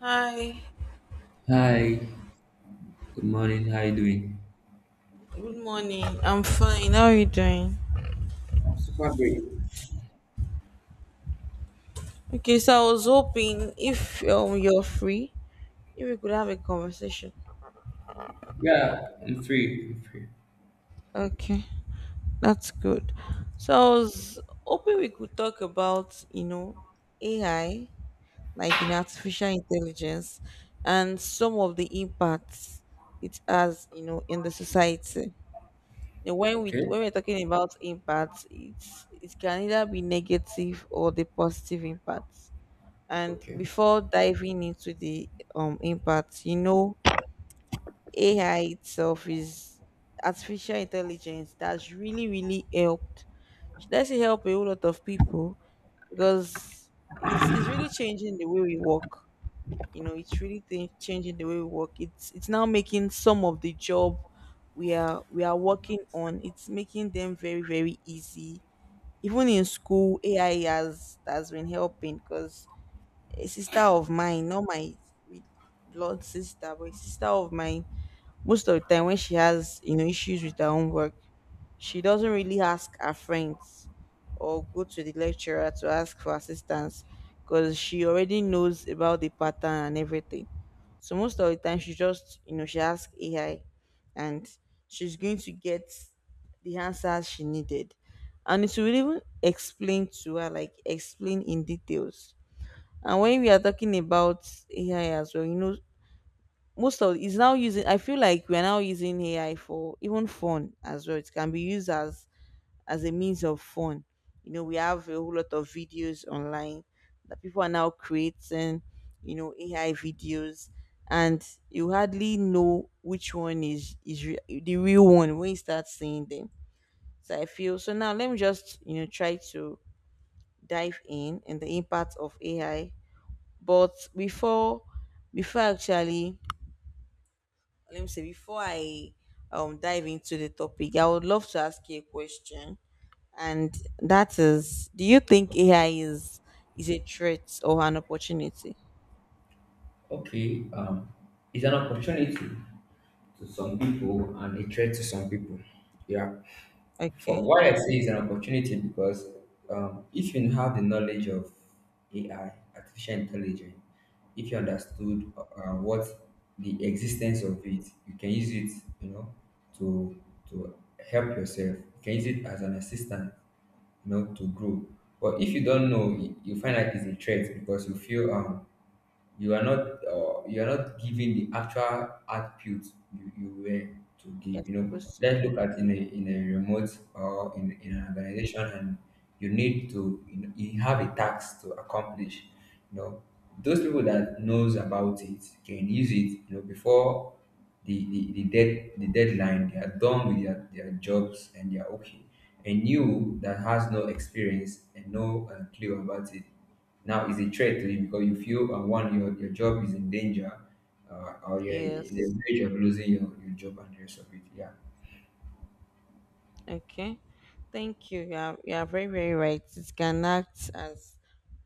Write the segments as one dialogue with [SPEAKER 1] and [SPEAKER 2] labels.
[SPEAKER 1] Hi,
[SPEAKER 2] Hi, good morning. How you doing?
[SPEAKER 1] good morning. I'm fine. How are you doing?
[SPEAKER 2] I'm super great.
[SPEAKER 1] Okay, so I was hoping if you're free, if we could have a conversation.
[SPEAKER 2] Yeah, I'm free.
[SPEAKER 1] Okay, that's good. So I was hoping we could talk about, you know, AI, like in artificial intelligence and some of the impacts it has, you know, in the society. Now, When we
[SPEAKER 2] Okay,
[SPEAKER 1] when we're talking about impacts, it can either be negative or the positive impacts. And
[SPEAKER 2] okay,
[SPEAKER 1] before diving into the impact, you know, AI itself is artificial intelligence that's really, really helped. Should I say help a whole lot of people because it's really changing the way we work. You know, it's really changing the way we work. It's now making some of the job we are working on. It's making them very very easy. Even in school, AI has been helping because a sister of mine, not my blood sister, but a sister of mine. Most of the time, when she has issues with her own work, she doesn't really ask her friends or go to the lecturer to ask for assistance because she already knows about the pattern and everything. So most of the time, she just she asks AI, and she's going to get the answers she needed, and it will even explain to her, like explain in details. And when we are talking about AI as well, you know, most of it's now using. I feel like we are now using AI for even fun as well. It can be used as a means of fun. You know, we have a whole lot of videos online that people are now creating. You know, AI videos, and you hardly know which one is the real one when you start seeing them. So I feel so now. Let me just try to dive in and the impact of AI, but before actually, let me say before I dive into the topic, I would love to ask you a question. And that is, do you think AI is a threat or an opportunity?
[SPEAKER 2] okay. Um, it's an opportunity to some people and a threat to some people. Yeah. For
[SPEAKER 1] Okay.
[SPEAKER 2] why I say it's an opportunity, because if you have the knowledge of AI, artificial intelligence, if you understood what the existence of it, you can use it, you know, to to help yourself. You can use it as an assistant, you know, to grow. But if you don't know, you find that it's a threat because you feel you are not giving the actual output you were to
[SPEAKER 1] Yes.
[SPEAKER 2] give, you know.
[SPEAKER 1] Proceed.
[SPEAKER 2] Let's look at, in a remote, or in an organization, and you need to, you know, you have a task to accomplish, you know. Those people that knows about it can use it, you know. Before the deadline, they are done with their jobs and they are okay, and you that has no experience and no clue about it, now it's a threat to you because you feel one, your job is in danger, or you're in the
[SPEAKER 1] Yes.
[SPEAKER 2] verge of losing your job and the rest of it. Yeah.
[SPEAKER 1] Okay. Thank you. You are very, very right. It can act as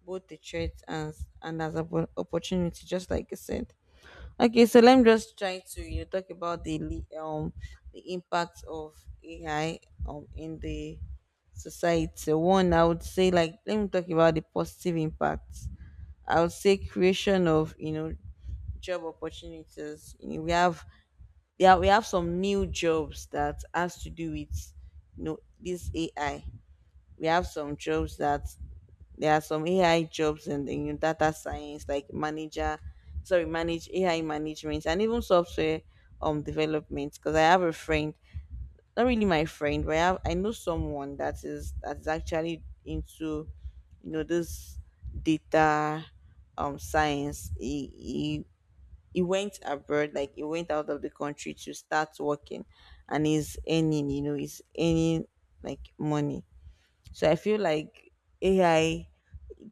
[SPEAKER 1] both a threat and as an opportunity, just like you said. Okay, so let me just try to, you know, talk about the the impact of AI in the society. One, I would say, like let me talk about the positive impacts. I would say creation of, you know, job opportunities. You know, we have, yeah, we have some new jobs that has to do with, you know, this AI. We have some jobs that there are some AI jobs in data science, like manager, sorry, manage AI management, and even software development. Because I have a friend, not really my friend, but I have, I know someone that is actually into, you know, this data science. He went abroad, like he went out of the country to start working, and he's earning, you know, he's earning like money. So I feel like AI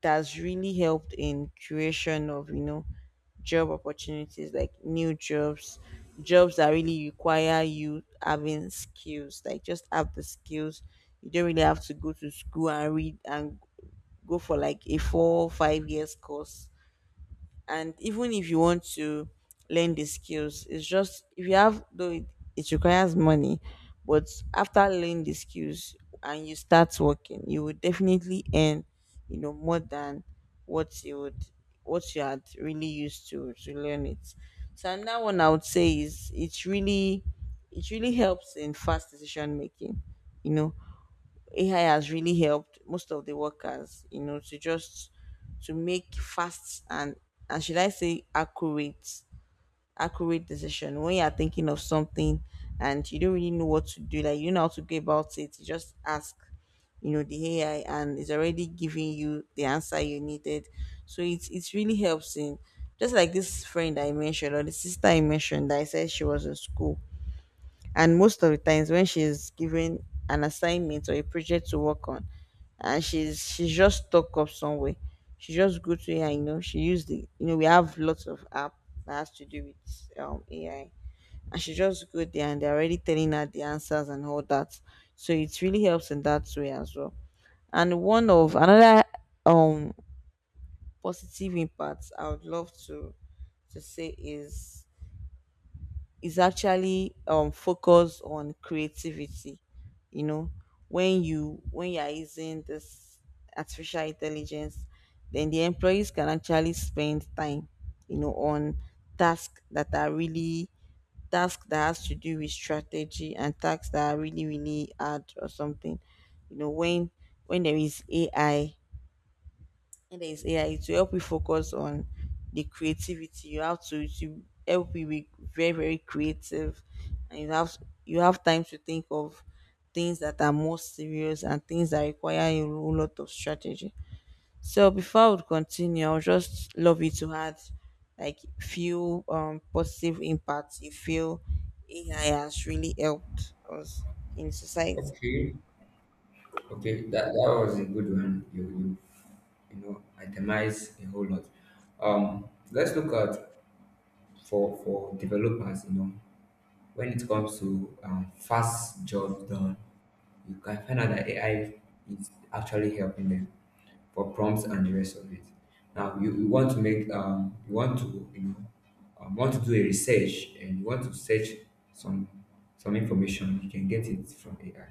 [SPEAKER 1] that's really helped in creation of, you know, job opportunities, like new jobs, jobs that really require you having skills, like just have the skills. You don't really have to go to school and read and go for like a four or five years course. And even if you want to learn the skills, it's just if you have though it requires money. But after learning the skills and you start working, you will definitely earn, you know, more than what you would, what you had really used to learn it. So another one I would say is it's really, it really helps in fast decision making. You know, AI has really helped most of the workers, you know, to just to make fast and should I say accurate, accurate decision. When you are thinking of something and you don't really know what to do, like you know how to go about it, you just ask, you know, the AI, and it's already giving you the answer you needed. So it's really helps in, just like this friend I mentioned or the sister I mentioned that I said she was in school, and most of the times when she's given an assignment or a project to work on and she's just stuck up somewhere, she just go to AI. You know, she used the, you know, we have lots of app that has to do with AI. And she just go there, and they're already telling her the answers and all that. So it really helps in that way as well. And one of another um positive impacts I would love to say is actually focused on creativity. You know, when you, when you are using this artificial intelligence, then the employees can actually spend time, you know, on tasks that are really tasks that has to do with strategy, and tasks that are really really hard or something. You know, when there is ai, and there is AI to help you focus on the creativity, you have to help you be very very creative, and you have, you have time to think of things that are more serious and things that require a whole lot of strategy. So before I would continue, I would just love you to add like few positive impacts you feel AI has really helped us in society.
[SPEAKER 2] Okay, okay, that was a good one. You know, itemize a whole lot. Let's look at, for developers, you know, when it comes to fast jobs done, you can find out that AI is actually helping them for prompts and the rest of it. Now, you want to make, you want to, you know, want to do a research, and you want to search some some information, you can get it from AI,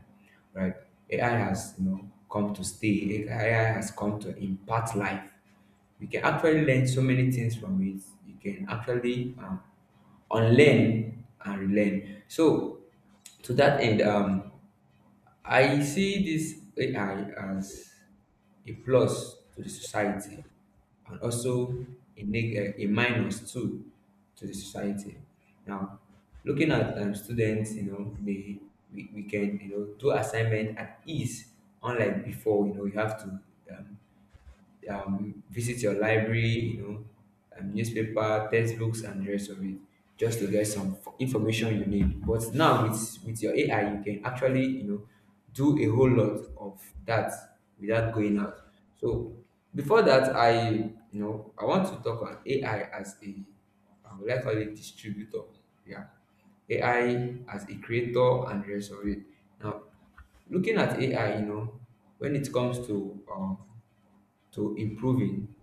[SPEAKER 2] right? AI has, you know, come to stay. AI has come to impart life. You can actually learn so many things from it. You can actually unlearn and relearn. So to that end, I see this AI as a plus to the society, and also a a minus too to the society. Now, looking at students, you know, they we can, you know, do assignment at ease, unlike before. You know, you have to um, visit your library, you know, newspaper, textbooks, and the rest of it, just to get some information you need. But now, with your AI, you can actually, you know, do a whole lot of that without going out. So before that, I you know, I want to talk on AI as a, I would like to call it, distributor. Yeah, AI as a creator and the rest of it. Now, looking at AI, you know, when it comes to improving,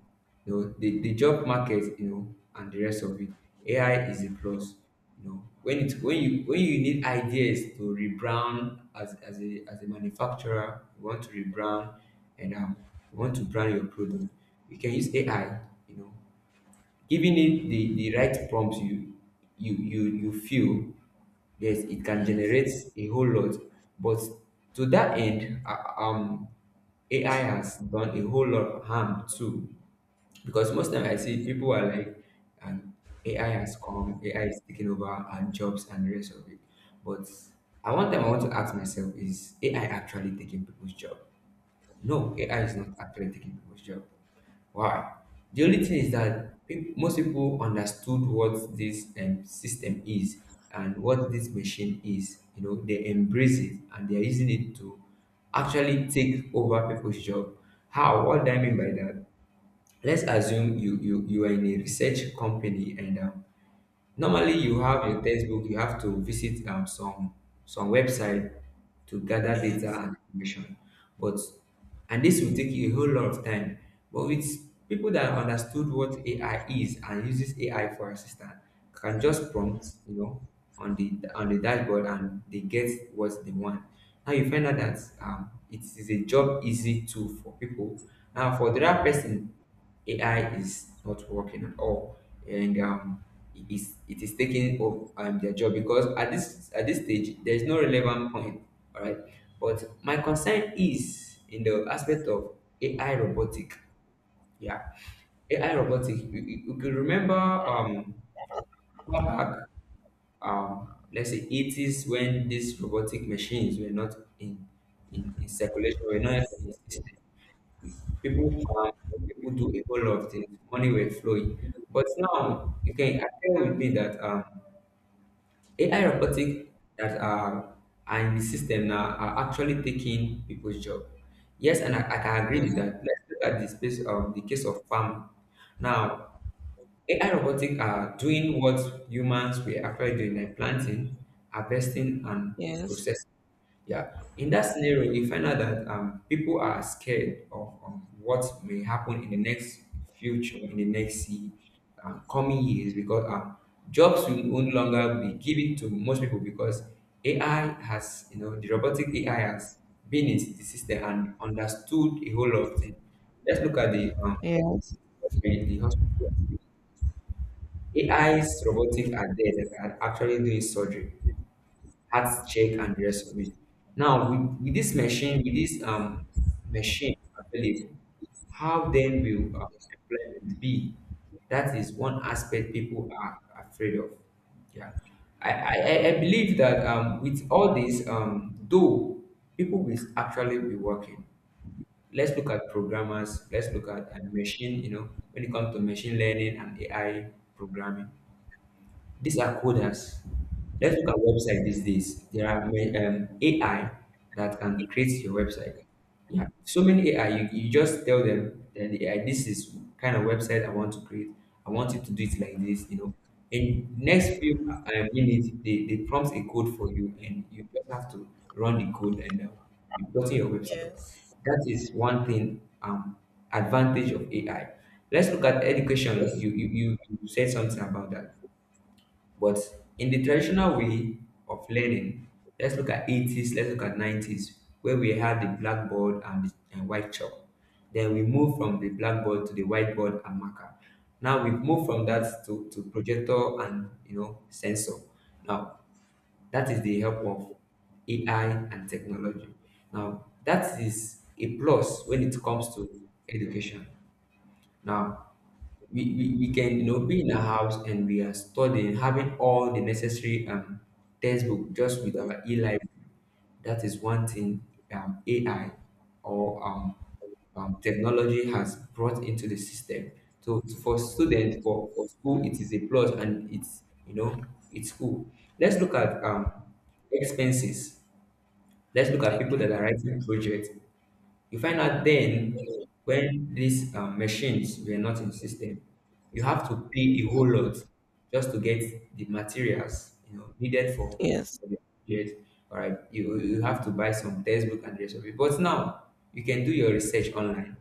[SPEAKER 2] you know, the job market, you know, and the rest of it, AI is a plus, you know. When it when you need ideas to rebrand, as a manufacturer, you want to rebrand, and you want to brand your product, you can use AI, you know, giving it the right prompts, you you feel, yes, it can
[SPEAKER 1] Yes.
[SPEAKER 2] generate a whole lot. But to that end, AI has done a whole lot of harm too, because most time I see people are like, and AI has come, AI is taking over, and jobs and the rest of it. But at one time I want to ask myself, is AI actually taking people's job? No, AI is not actually taking people's job. Why? The only thing is that most people understood what this system is and what this machine is. You know, they embrace it and they are using it to actually take over people's job. How? What do I mean by that? Let's assume you are in a research company, and normally you have your textbook. You have to visit some website to gather data
[SPEAKER 1] Yes.
[SPEAKER 2] and information. But, and this will take you a whole lot of time. But with people that understood what AI is and uses AI for assistant, can just prompt, you know, on the dashboard, and they get what they want. Now you find out that it is a job easy tool for people. Now, for the other person, AI is not working at all, and it is taking up their job, because at this stage there is no relevant point. All right, but my concern is in the aspect of AI robotic. Yeah, AI robotic. You could remember, far back, let's say 80s, when these robotic machines were not in in circulation, were not in system. People farm, people do a whole lot of things, money were flowing. But now you can agree with me that AI robotic that are, are in the system now are actually taking people's job. Yes, and I can agree with
[SPEAKER 1] Yeah.
[SPEAKER 2] that. Let's look at the case of farming. Now, AI robotic are doing what humans were actually doing, like planting, harvesting, and
[SPEAKER 1] Yes.
[SPEAKER 2] processing. Yeah, in that scenario, you find out that people are scared of what may happen in the next future, in the next coming years, because jobs will no longer be given to most people because AI has, you know, the robotic AI has been in the system and understood a whole lot of things. Let's look at the
[SPEAKER 1] Yes.
[SPEAKER 2] in the hospital. AI's robotics are there that are actually doing surgery, heart check, and the rest of it. Now, with this machine available, how then will employment be? That is one aspect people are afraid of. Yeah, I believe that with all this, though, people will actually be working. Let's look at programmers. Let's look at machine. You know, when it comes to machine learning and AI programming, these are coders. Let's look at website these days. There are AI that can create your website. Yeah, so many AI. You just tell them that the AI, this is kind of website I want to create. I want it to do it like this, you know. In next few minutes, they prompt a code for you, and you just have to run the code, and you put in your website.
[SPEAKER 1] Yes.
[SPEAKER 2] That is one thing. Advantage of AI. Let's look at education. You you said something about that. But in the traditional way of learning, let's look at 80s, let's look at 90s, where we had the blackboard and and white chalk. Then we moved from the blackboard to the whiteboard and marker. Now we've moved from that to projector and, you know, sensor. Now that is the help of AI and technology. Now that is a plus when it comes to education. Now we can, you know, be in a house and we are studying, having all the necessary textbook, just with our e-library. That is one thing AI, or technology, has brought into the system. So for students, for school, it is a plus, and it's, you know, it's cool. Let's look at expenses. Let's look at people that
[SPEAKER 1] Okay.
[SPEAKER 2] are writing projects. You find out, then, when these machines were not in system, you have to pay a whole lot just to get the materials, you know, needed
[SPEAKER 1] Yes.
[SPEAKER 2] for the project. All right, you have to buy some textbook and the rest of it. But now you can do your research online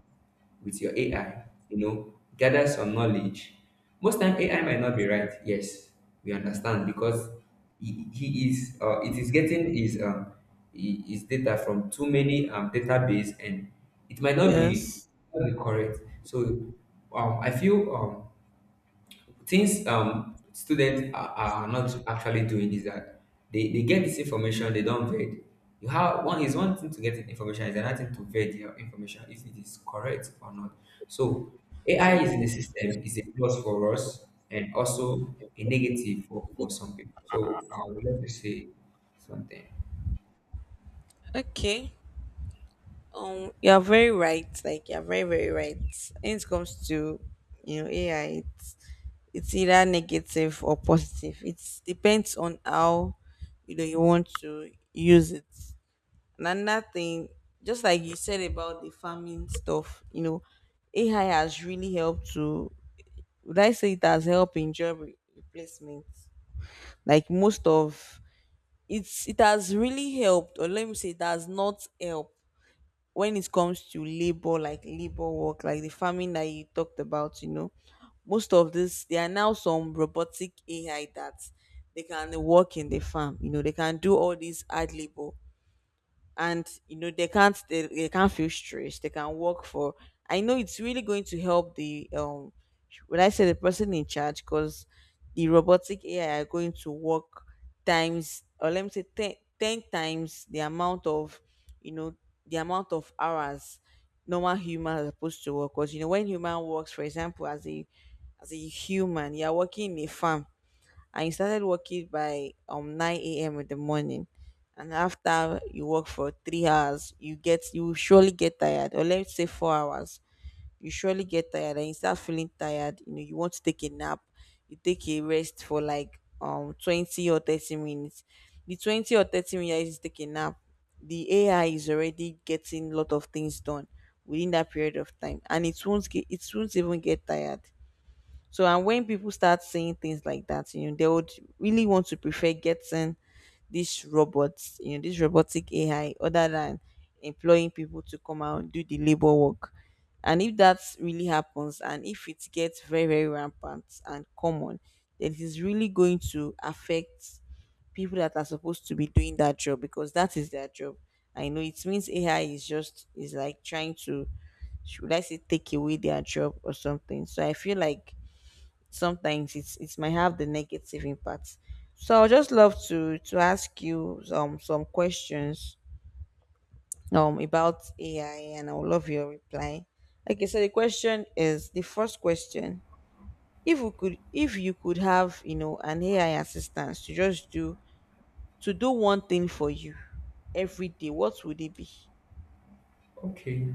[SPEAKER 2] with your AI, you know, gather some knowledge. Most time AI might not be right. Yes, we understand, because he is it is getting his data from too many database, and it might not be,
[SPEAKER 1] Yes.
[SPEAKER 2] not be correct. So I feel things students are not actually doing is that they get this information, they don't vet. You have one is one thing to get information, is another thing to vet your information if it is correct or not. So AI is in the system is a plus for us and also a negative for some people, so I would like to say something.
[SPEAKER 1] Okay. You're very right. Like you're very, very right. When it comes to, you know, AI, it's either negative or positive. It depends on how, you know, you want to use it. And another thing, just like you said about the farming stuff, you know, AI has really helped to, would I say it has helped in job replacement. Like most of it's it has really helped, or let me say it has not helped when it comes to labor, like labor work, like the farming that you talked about. You know, most of this, there are now some robotic ai that they can work in the farm. You know, they can do all this hard labor, and you know they can't, they can't feel stressed. They can work for, I know it's really going to help the when I say the person in charge, because the robotic ai are going to work times, or let me say 10, 10 times the amount of, you know, the amount of hours normal human are supposed to work. Because you know when human works, for example, as a human, you are working in a farm, and you started working by 9 a.m. in the morning, and after you work for three hours, you get, you will surely get tired, or let's say four hours, you surely get tired, and you start feeling tired. You know, you want to take a nap, you take a rest for like 20 or 30 minutes. The 20 or 30 minutes is taking nap, the ai is already getting a lot of things done within that period of time, and it won't get, it won't even get tired. So and when people start saying things like that, you know, they would really want to prefer getting these robots, you know, this robotic AI other than employing people to come out and do the labor work. And if that really happens, and if it gets very, very rampant and common, then it is really going to affect people that are supposed to be doing that job, because that is their job. I know it means AI is just is like trying to, should I say, take away their job or something. So I feel like sometimes it's it might have the negative impact. So I would just love to ask you some questions about AI, and I would love your reply. Okay, so the question is the first question. If we could, if you could have, you know, an AI assistant to just do to do one thing for you every day, what would it be?
[SPEAKER 2] Okay,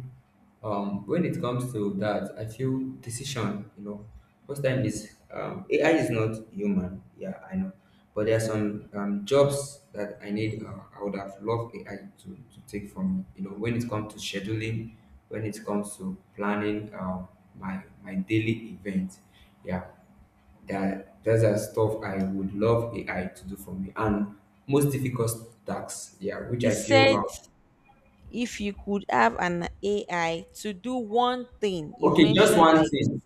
[SPEAKER 2] when it comes to that, I feel decision, you know, most time is, AI is not human. Yeah, I know, but there are some jobs that I need, I would have loved AI to take from me, you know, when it comes to scheduling, when it comes to planning, my daily events. Yeah, that's the stuff I would love AI to do for me, and most difficult tasks, yeah, which
[SPEAKER 1] It
[SPEAKER 2] I feel,
[SPEAKER 1] said if you could have an AI to do one thing, you've
[SPEAKER 2] okay, just
[SPEAKER 1] mentioned
[SPEAKER 2] one
[SPEAKER 1] like
[SPEAKER 2] thing.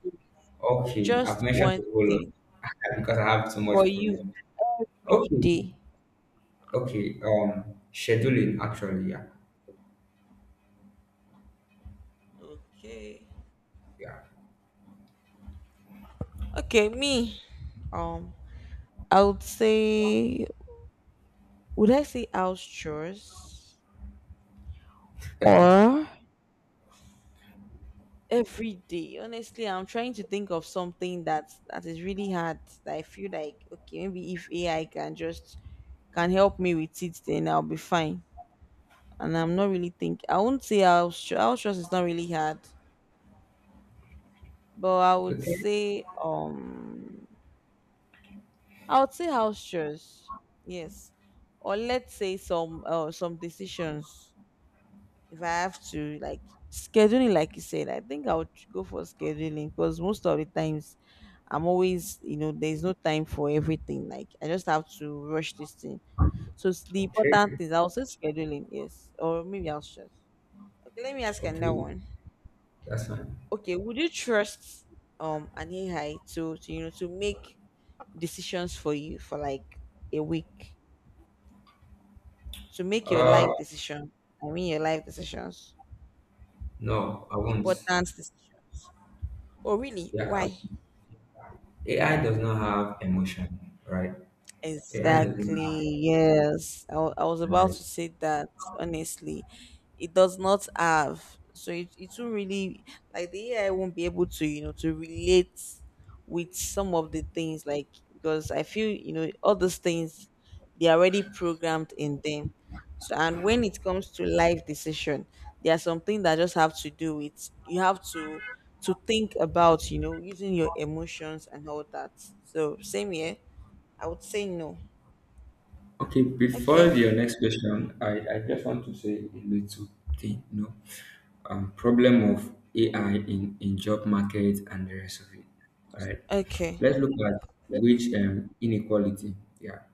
[SPEAKER 2] Okay, I've
[SPEAKER 1] just
[SPEAKER 2] mentioned
[SPEAKER 1] one
[SPEAKER 2] the whole lot.
[SPEAKER 1] thing.
[SPEAKER 2] Because I have too much
[SPEAKER 1] For you
[SPEAKER 2] problem.
[SPEAKER 1] every
[SPEAKER 2] Okay,
[SPEAKER 1] day?
[SPEAKER 2] okay. Scheduling actually, yeah,
[SPEAKER 1] Okay.
[SPEAKER 2] yeah.
[SPEAKER 1] Okay, me. Um, I would say, would I say house chores or every day? Honestly, I'm trying to think of something that that is really hard. That I feel like, okay, maybe if AI can just can help me with it, then I'll be fine. And I'm not really think. I won't say house chores. House chores is not really hard, but
[SPEAKER 2] Okay,
[SPEAKER 1] I would say house chores, yes, or let's say some decisions. If I have to like scheduling, like you said, I think I would go for scheduling because most of the times I'm always, there's no time for everything. Like I just have to rush this thing. So the important
[SPEAKER 2] okay,
[SPEAKER 1] thing, I'll say scheduling, yes, or maybe I'll just. Okay, let me ask another
[SPEAKER 2] okay.
[SPEAKER 1] one.
[SPEAKER 2] That's fine.
[SPEAKER 1] Okay, would you trust an AI to to make decisions for you for like a week? To make your
[SPEAKER 2] Uh,
[SPEAKER 1] life decision. I mean your life decisions.
[SPEAKER 2] no, I won't.
[SPEAKER 1] Important decisions. Oh really?
[SPEAKER 2] Yeah,
[SPEAKER 1] Why?
[SPEAKER 2] I- AI does not have emotion, right? AI doesn't
[SPEAKER 1] Exactly.
[SPEAKER 2] have
[SPEAKER 1] Yes. I was about to
[SPEAKER 2] memories.
[SPEAKER 1] say that, honestly. It does not have. So it will really, like, the AI won't be able to, to relate with some of the things, like, because I feel, all those things, they're already programmed in them. So, and when it comes to life decision, there's something that just have to do with, you have to think about, using your emotions and all that. So, same here. I would say no.
[SPEAKER 2] Okay, before
[SPEAKER 1] Okay.
[SPEAKER 2] your next question, I just want to say a little thing. No, problem of AI in job market and the rest of it. All right.
[SPEAKER 1] Okay.
[SPEAKER 2] Let's look at wage, inequality. Yeah,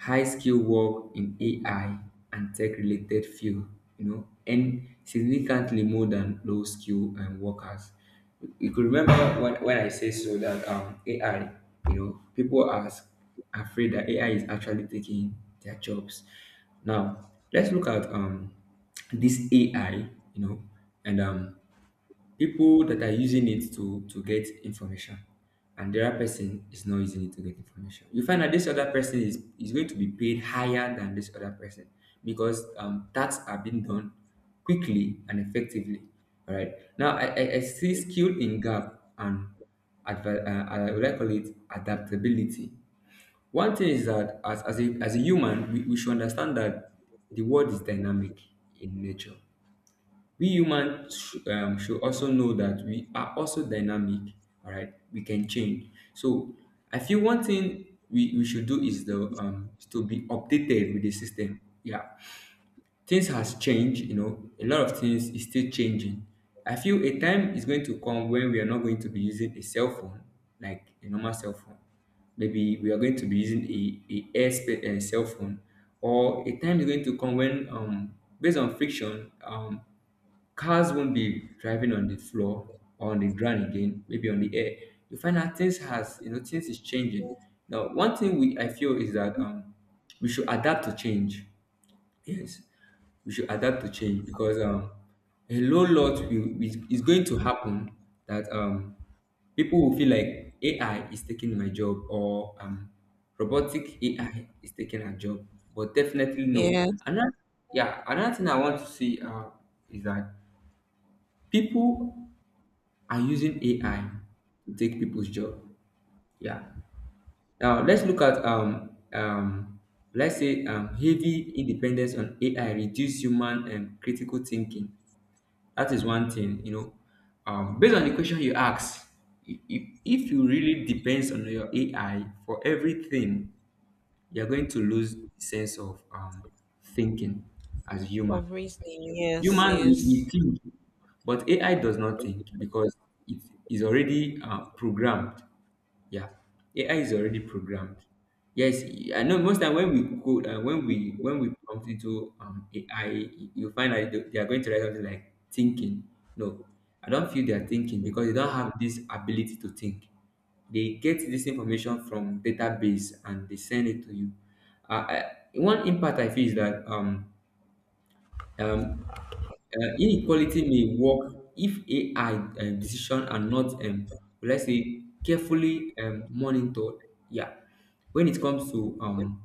[SPEAKER 2] high skill work in AI and tech related field, you know, and significantly more than low skill workers. You could remember when I say so that AI, you know, people are afraid that AI is actually taking their jobs. Now, let's look at this AI, you know, and people that are using it to get information, and the other person is not using it to get information. You find that this other person is going to be paid higher than this other person because tasks are being done quickly and effectively. All right, now I see skill in gap and would I call it adaptability. One thing is that as a human, we should understand that the world is dynamic in nature. We humans should also know that we are also dynamic. All right, we can change. So I feel one thing we should do is the is to be updated with the system. Yeah, things has changed, you know, a lot of things is still changing. I feel a time is going to come when we are not going to be using a cell phone like a normal cell phone. Maybe we are going to be using a airspace a cell phone. Or a time is going to come when based on friction, cars won't be driving on the floor or on the ground again, maybe on the air. You find out things has, you know, things is changing. Now, one thing we I feel is that we should adapt to change. Yes, we should adapt to change because a whole lot will is going to happen, that people will feel like AI is taking my job, or robotic AI is taking our job, but definitely no.
[SPEAKER 1] Yes.
[SPEAKER 2] Another, yeah, another thing I want to see, is that people are using AI to take people's job. Yeah, now let's look at let's say heavy independence on AI reduce human and critical thinking. That is one thing, you know. Based on the question you ask, if you really depends on your AI for everything, you're going to lose the sense of thinking as human.
[SPEAKER 1] Of reasoning. Yes.
[SPEAKER 2] Human, we
[SPEAKER 1] Yes.
[SPEAKER 2] think, but AI does not think because it is already programmed. Yeah, AI is already programmed. Yes, I know. Most time when we code, when we prompt into AI, you find that they are going to write something like thinking. No, I don't feel they are thinking because they don't have this ability to think. They get this information from database and they send it to you. Uh, I, one impact I feel is that um, inequality may work if AI decision are not will I say carefully monitored. Yeah, when it comes to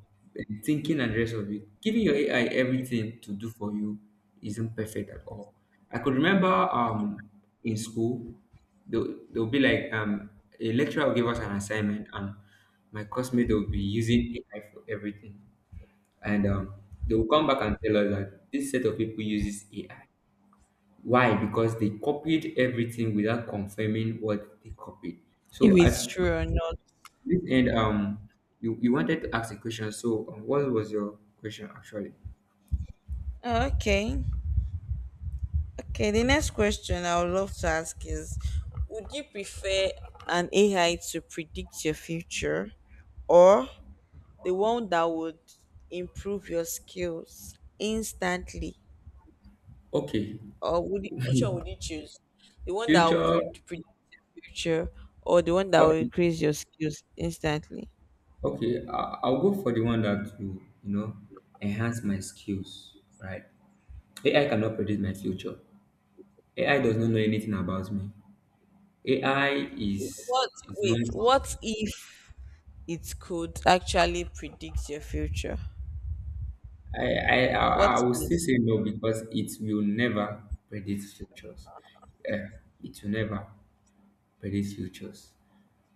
[SPEAKER 2] thinking and the rest of it, giving your AI everything to do for you isn't perfect at all. I could remember in school they'll be like a lecturer will give us an assignment, and my classmate will be using AI for everything, and they will come back and tell us that this set of people uses AI. Why? Because they copied everything without confirming what they copied.
[SPEAKER 1] If
[SPEAKER 2] So
[SPEAKER 1] it's true or not.
[SPEAKER 2] this end, you, you wanted to ask a question. So what was your question actually?
[SPEAKER 1] Okay. Okay. The next question I would love to ask is, would you prefer an AI to predict your future, or the one that would improve your skills instantly?
[SPEAKER 2] Okay,
[SPEAKER 1] Or would you, which one would you choose? The one that will
[SPEAKER 2] future.
[SPEAKER 1] predict your future, or the one that will
[SPEAKER 2] Okay,
[SPEAKER 1] increase your skills instantly?
[SPEAKER 2] okay. I'll go for the one that will, you know, enhance my skills. Right? AI cannot predict my future. AI does not know anything about me. AI is
[SPEAKER 1] What,
[SPEAKER 2] is not
[SPEAKER 1] wait, what if it could actually predict your future?
[SPEAKER 2] I, I I
[SPEAKER 1] What
[SPEAKER 2] I will still
[SPEAKER 1] if?
[SPEAKER 2] say no because it will never predict futures. Uh, it will never predict futures.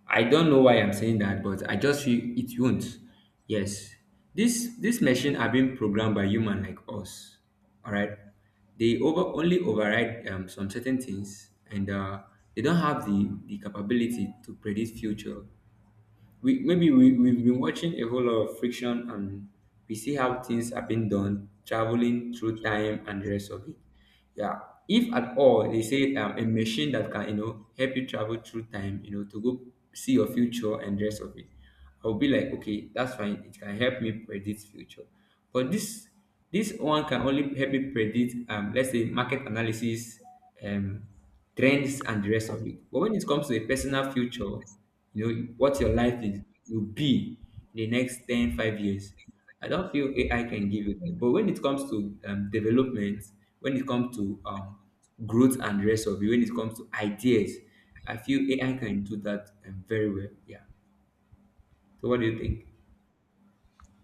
[SPEAKER 2] I don't know why I'm saying that, but I just feel it won't. Yes, this machine are being programmed by human like us. All right, they over only override some certain things, and they don't have the capability to predict future. We, maybe we've been watching a whole lot of friction, and we see how things have been done, traveling through time and the rest of it. Yeah, if at all they say a machine that can, you know, help you travel through time, you know, to go see your future and the rest of it, I'll be like, okay, that's fine, it can help me predict future. But this one can only help me predict, let's say, market analysis, um, trends, and the rest of it. But when it comes to a personal future, you know, what your life is, will be in the next 10 5 years, I don't feel AI can give you that. But when it comes to development, when it comes to growth and the rest of it, when it comes to ideas, I feel AI can do that very well. Yeah. So what do you think?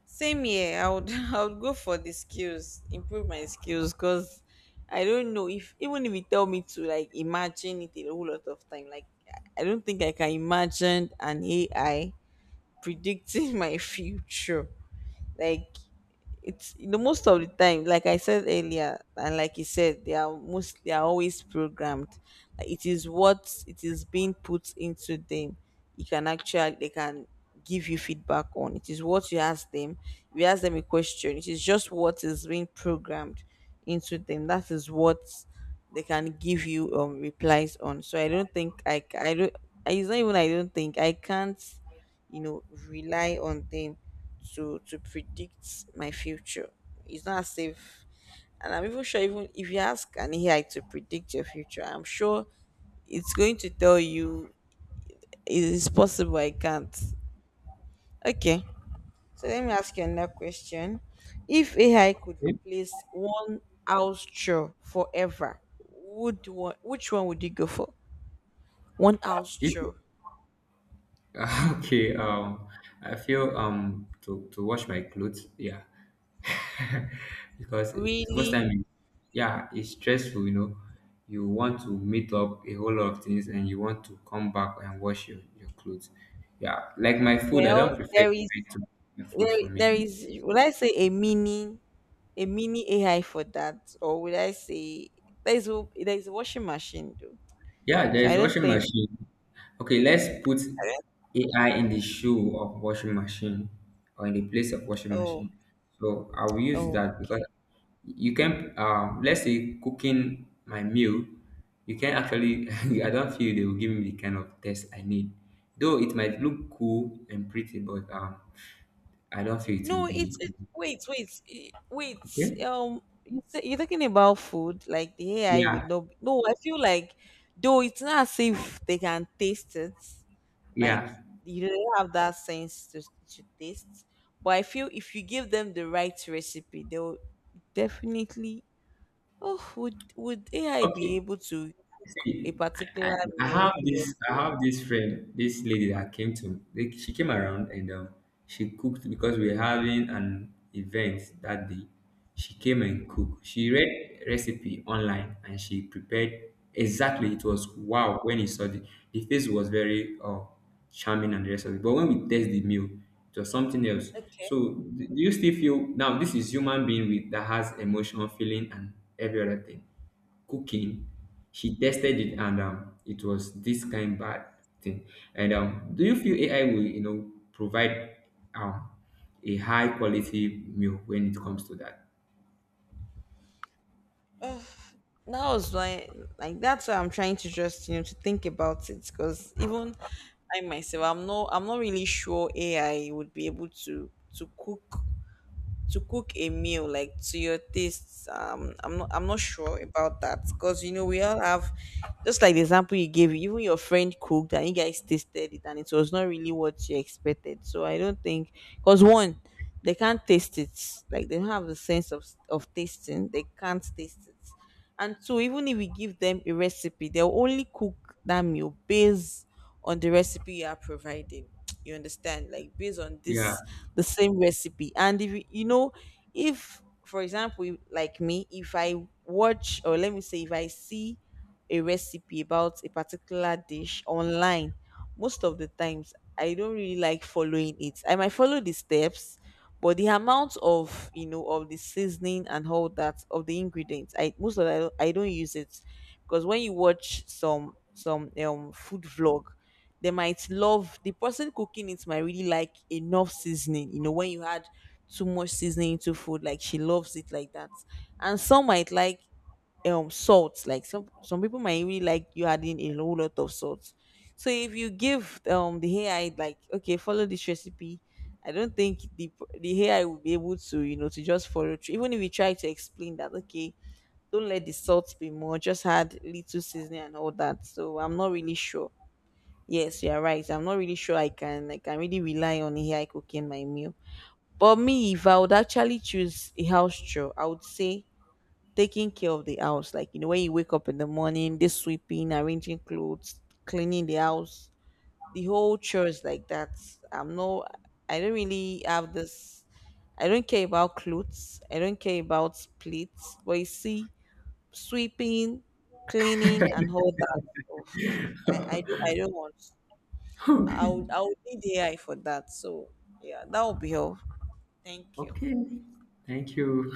[SPEAKER 1] Same here, I would, I would go for the skills, improve my skills, because I don't know if, even if you tell me to like imagine it a whole lot of time, like, I don't think I can imagine an AI predicting my future. Like, it's most of the time like I said earlier, and like you said, they are most, they are always programmed. Like, it is what it is being put into them. You can actually, they can give you feedback on, it is what you ask them. If you ask them a question, it is just what is being programmed into them, that is what they can give you replies on. So I don't think I don't, it's not even, I don't think I can't, rely on them to predict my future. It's not as if, and I'm even sure, even if you ask an AI to predict your future, I'm sure it's going to tell you it is possible. I can't. Okay, so let me ask you another question. If AI could replace one house chore forever, would one, which one would you go for? One house
[SPEAKER 2] If
[SPEAKER 1] chore.
[SPEAKER 2] Okay, I feel to wash my clothes, yeah, because it's- most
[SPEAKER 1] Really?
[SPEAKER 2] time, yeah, it's stressful. You know, you want to meet up a whole lot of things, and you want to come back and wash your clothes. Yeah, like my food, I
[SPEAKER 1] Well,
[SPEAKER 2] don't prefer
[SPEAKER 1] there is,
[SPEAKER 2] to my food
[SPEAKER 1] there,
[SPEAKER 2] for
[SPEAKER 1] there
[SPEAKER 2] me.
[SPEAKER 1] is, would I say a mini AI for that, or would I say there is there is a washing machine though?
[SPEAKER 2] Yeah, there
[SPEAKER 1] So
[SPEAKER 2] is
[SPEAKER 1] I don't
[SPEAKER 2] washing
[SPEAKER 1] think.
[SPEAKER 2] machine. Okay, let's put AI in the shoe of washing machine or in the place of washing
[SPEAKER 1] Oh,
[SPEAKER 2] machine. So I will use
[SPEAKER 1] oh,
[SPEAKER 2] that because
[SPEAKER 1] okay.
[SPEAKER 2] you can, let's say cooking my meal, you can actually, I don't feel they will give me the kind of test I need. Though it might look cool and pretty, but I don't feel it will
[SPEAKER 1] No, it's it,
[SPEAKER 2] be.
[SPEAKER 1] eh, wait.
[SPEAKER 2] Okay?
[SPEAKER 1] You say, you're talking about food, like the AI would
[SPEAKER 2] Yeah,
[SPEAKER 1] not No, I feel like though it's not as if they can taste it, like
[SPEAKER 2] yeah.
[SPEAKER 1] you don't have that sense to taste. But I feel if you give them the right recipe, they'll definitely. Oh, would AI
[SPEAKER 2] Okay.
[SPEAKER 1] be able to cook a
[SPEAKER 2] See,
[SPEAKER 1] particular meal to your
[SPEAKER 2] I
[SPEAKER 1] taste?
[SPEAKER 2] have this friend, this lady that came to, like, she came around and she cooked because we are having an event that day. She came and cooked. She read recipe online and she prepared exactly. It was wow when he saw the face was very, charming and the rest of it. But when we taste the meal, it was something else.
[SPEAKER 1] Okay,
[SPEAKER 2] So do you still feel now this is human being with that has emotional feeling and every other thing cooking, she tested it and it was this kind bad thing, and do you feel AI will, you know, provide um a high quality meal when it comes to that?
[SPEAKER 1] that was why, like, that's why I'm trying to just to think about it, because even I myself, I'm not really sure AI would be able to cook, to cook a meal like to your tastes. I'm not, I'm not sure about that, because you know we all have, just like the example you gave, even your friend cooked and you guys tasted it and it was not really what you expected. So I don't think, because one, they can't taste it, like they don't have the sense of tasting, they can't taste it. And so even if we give them a recipe, they'll only cook that meal based on the recipe you are providing. You understand? Like based on
[SPEAKER 2] Yeah.
[SPEAKER 1] this the same recipe. And if you if for example, like me, if I watch, or let me say if I see a recipe about a particular dish online, most of the times I don't really like following it. I might follow the steps, but the amount of, of the seasoning and all that, of the ingredients, I most of the, I don't use it, because when you watch some food vlog, they might love, the person cooking it might really like enough seasoning. You know when you add too much seasoning into food, like she loves it like that, and some might like salt, like some people might really like you adding a whole lot of salt. So if you give the AI like okay follow this recipe, I don't think the AI will be able to, to just follow through, even if you try to explain that okay, don't let the salt be more, just add little seasoning and all that. So I'm not really sure. Yes, you're right, I'm not really sure I can, I can really rely on AI cooking my meal. But me, if I would actually choose a house chore, I would say taking care of the house. Like, you know, when you wake up in the morning, this sweeping, arranging clothes, cleaning the house, the whole chores like that. I'm no, I don't really have this. I don't care about clothes. I don't care about plates. But you see, sweeping, cleaning, and all that stuff. I don't want. I would need AI for that. So yeah, that would be all. Thank you.
[SPEAKER 2] Okay, thank you.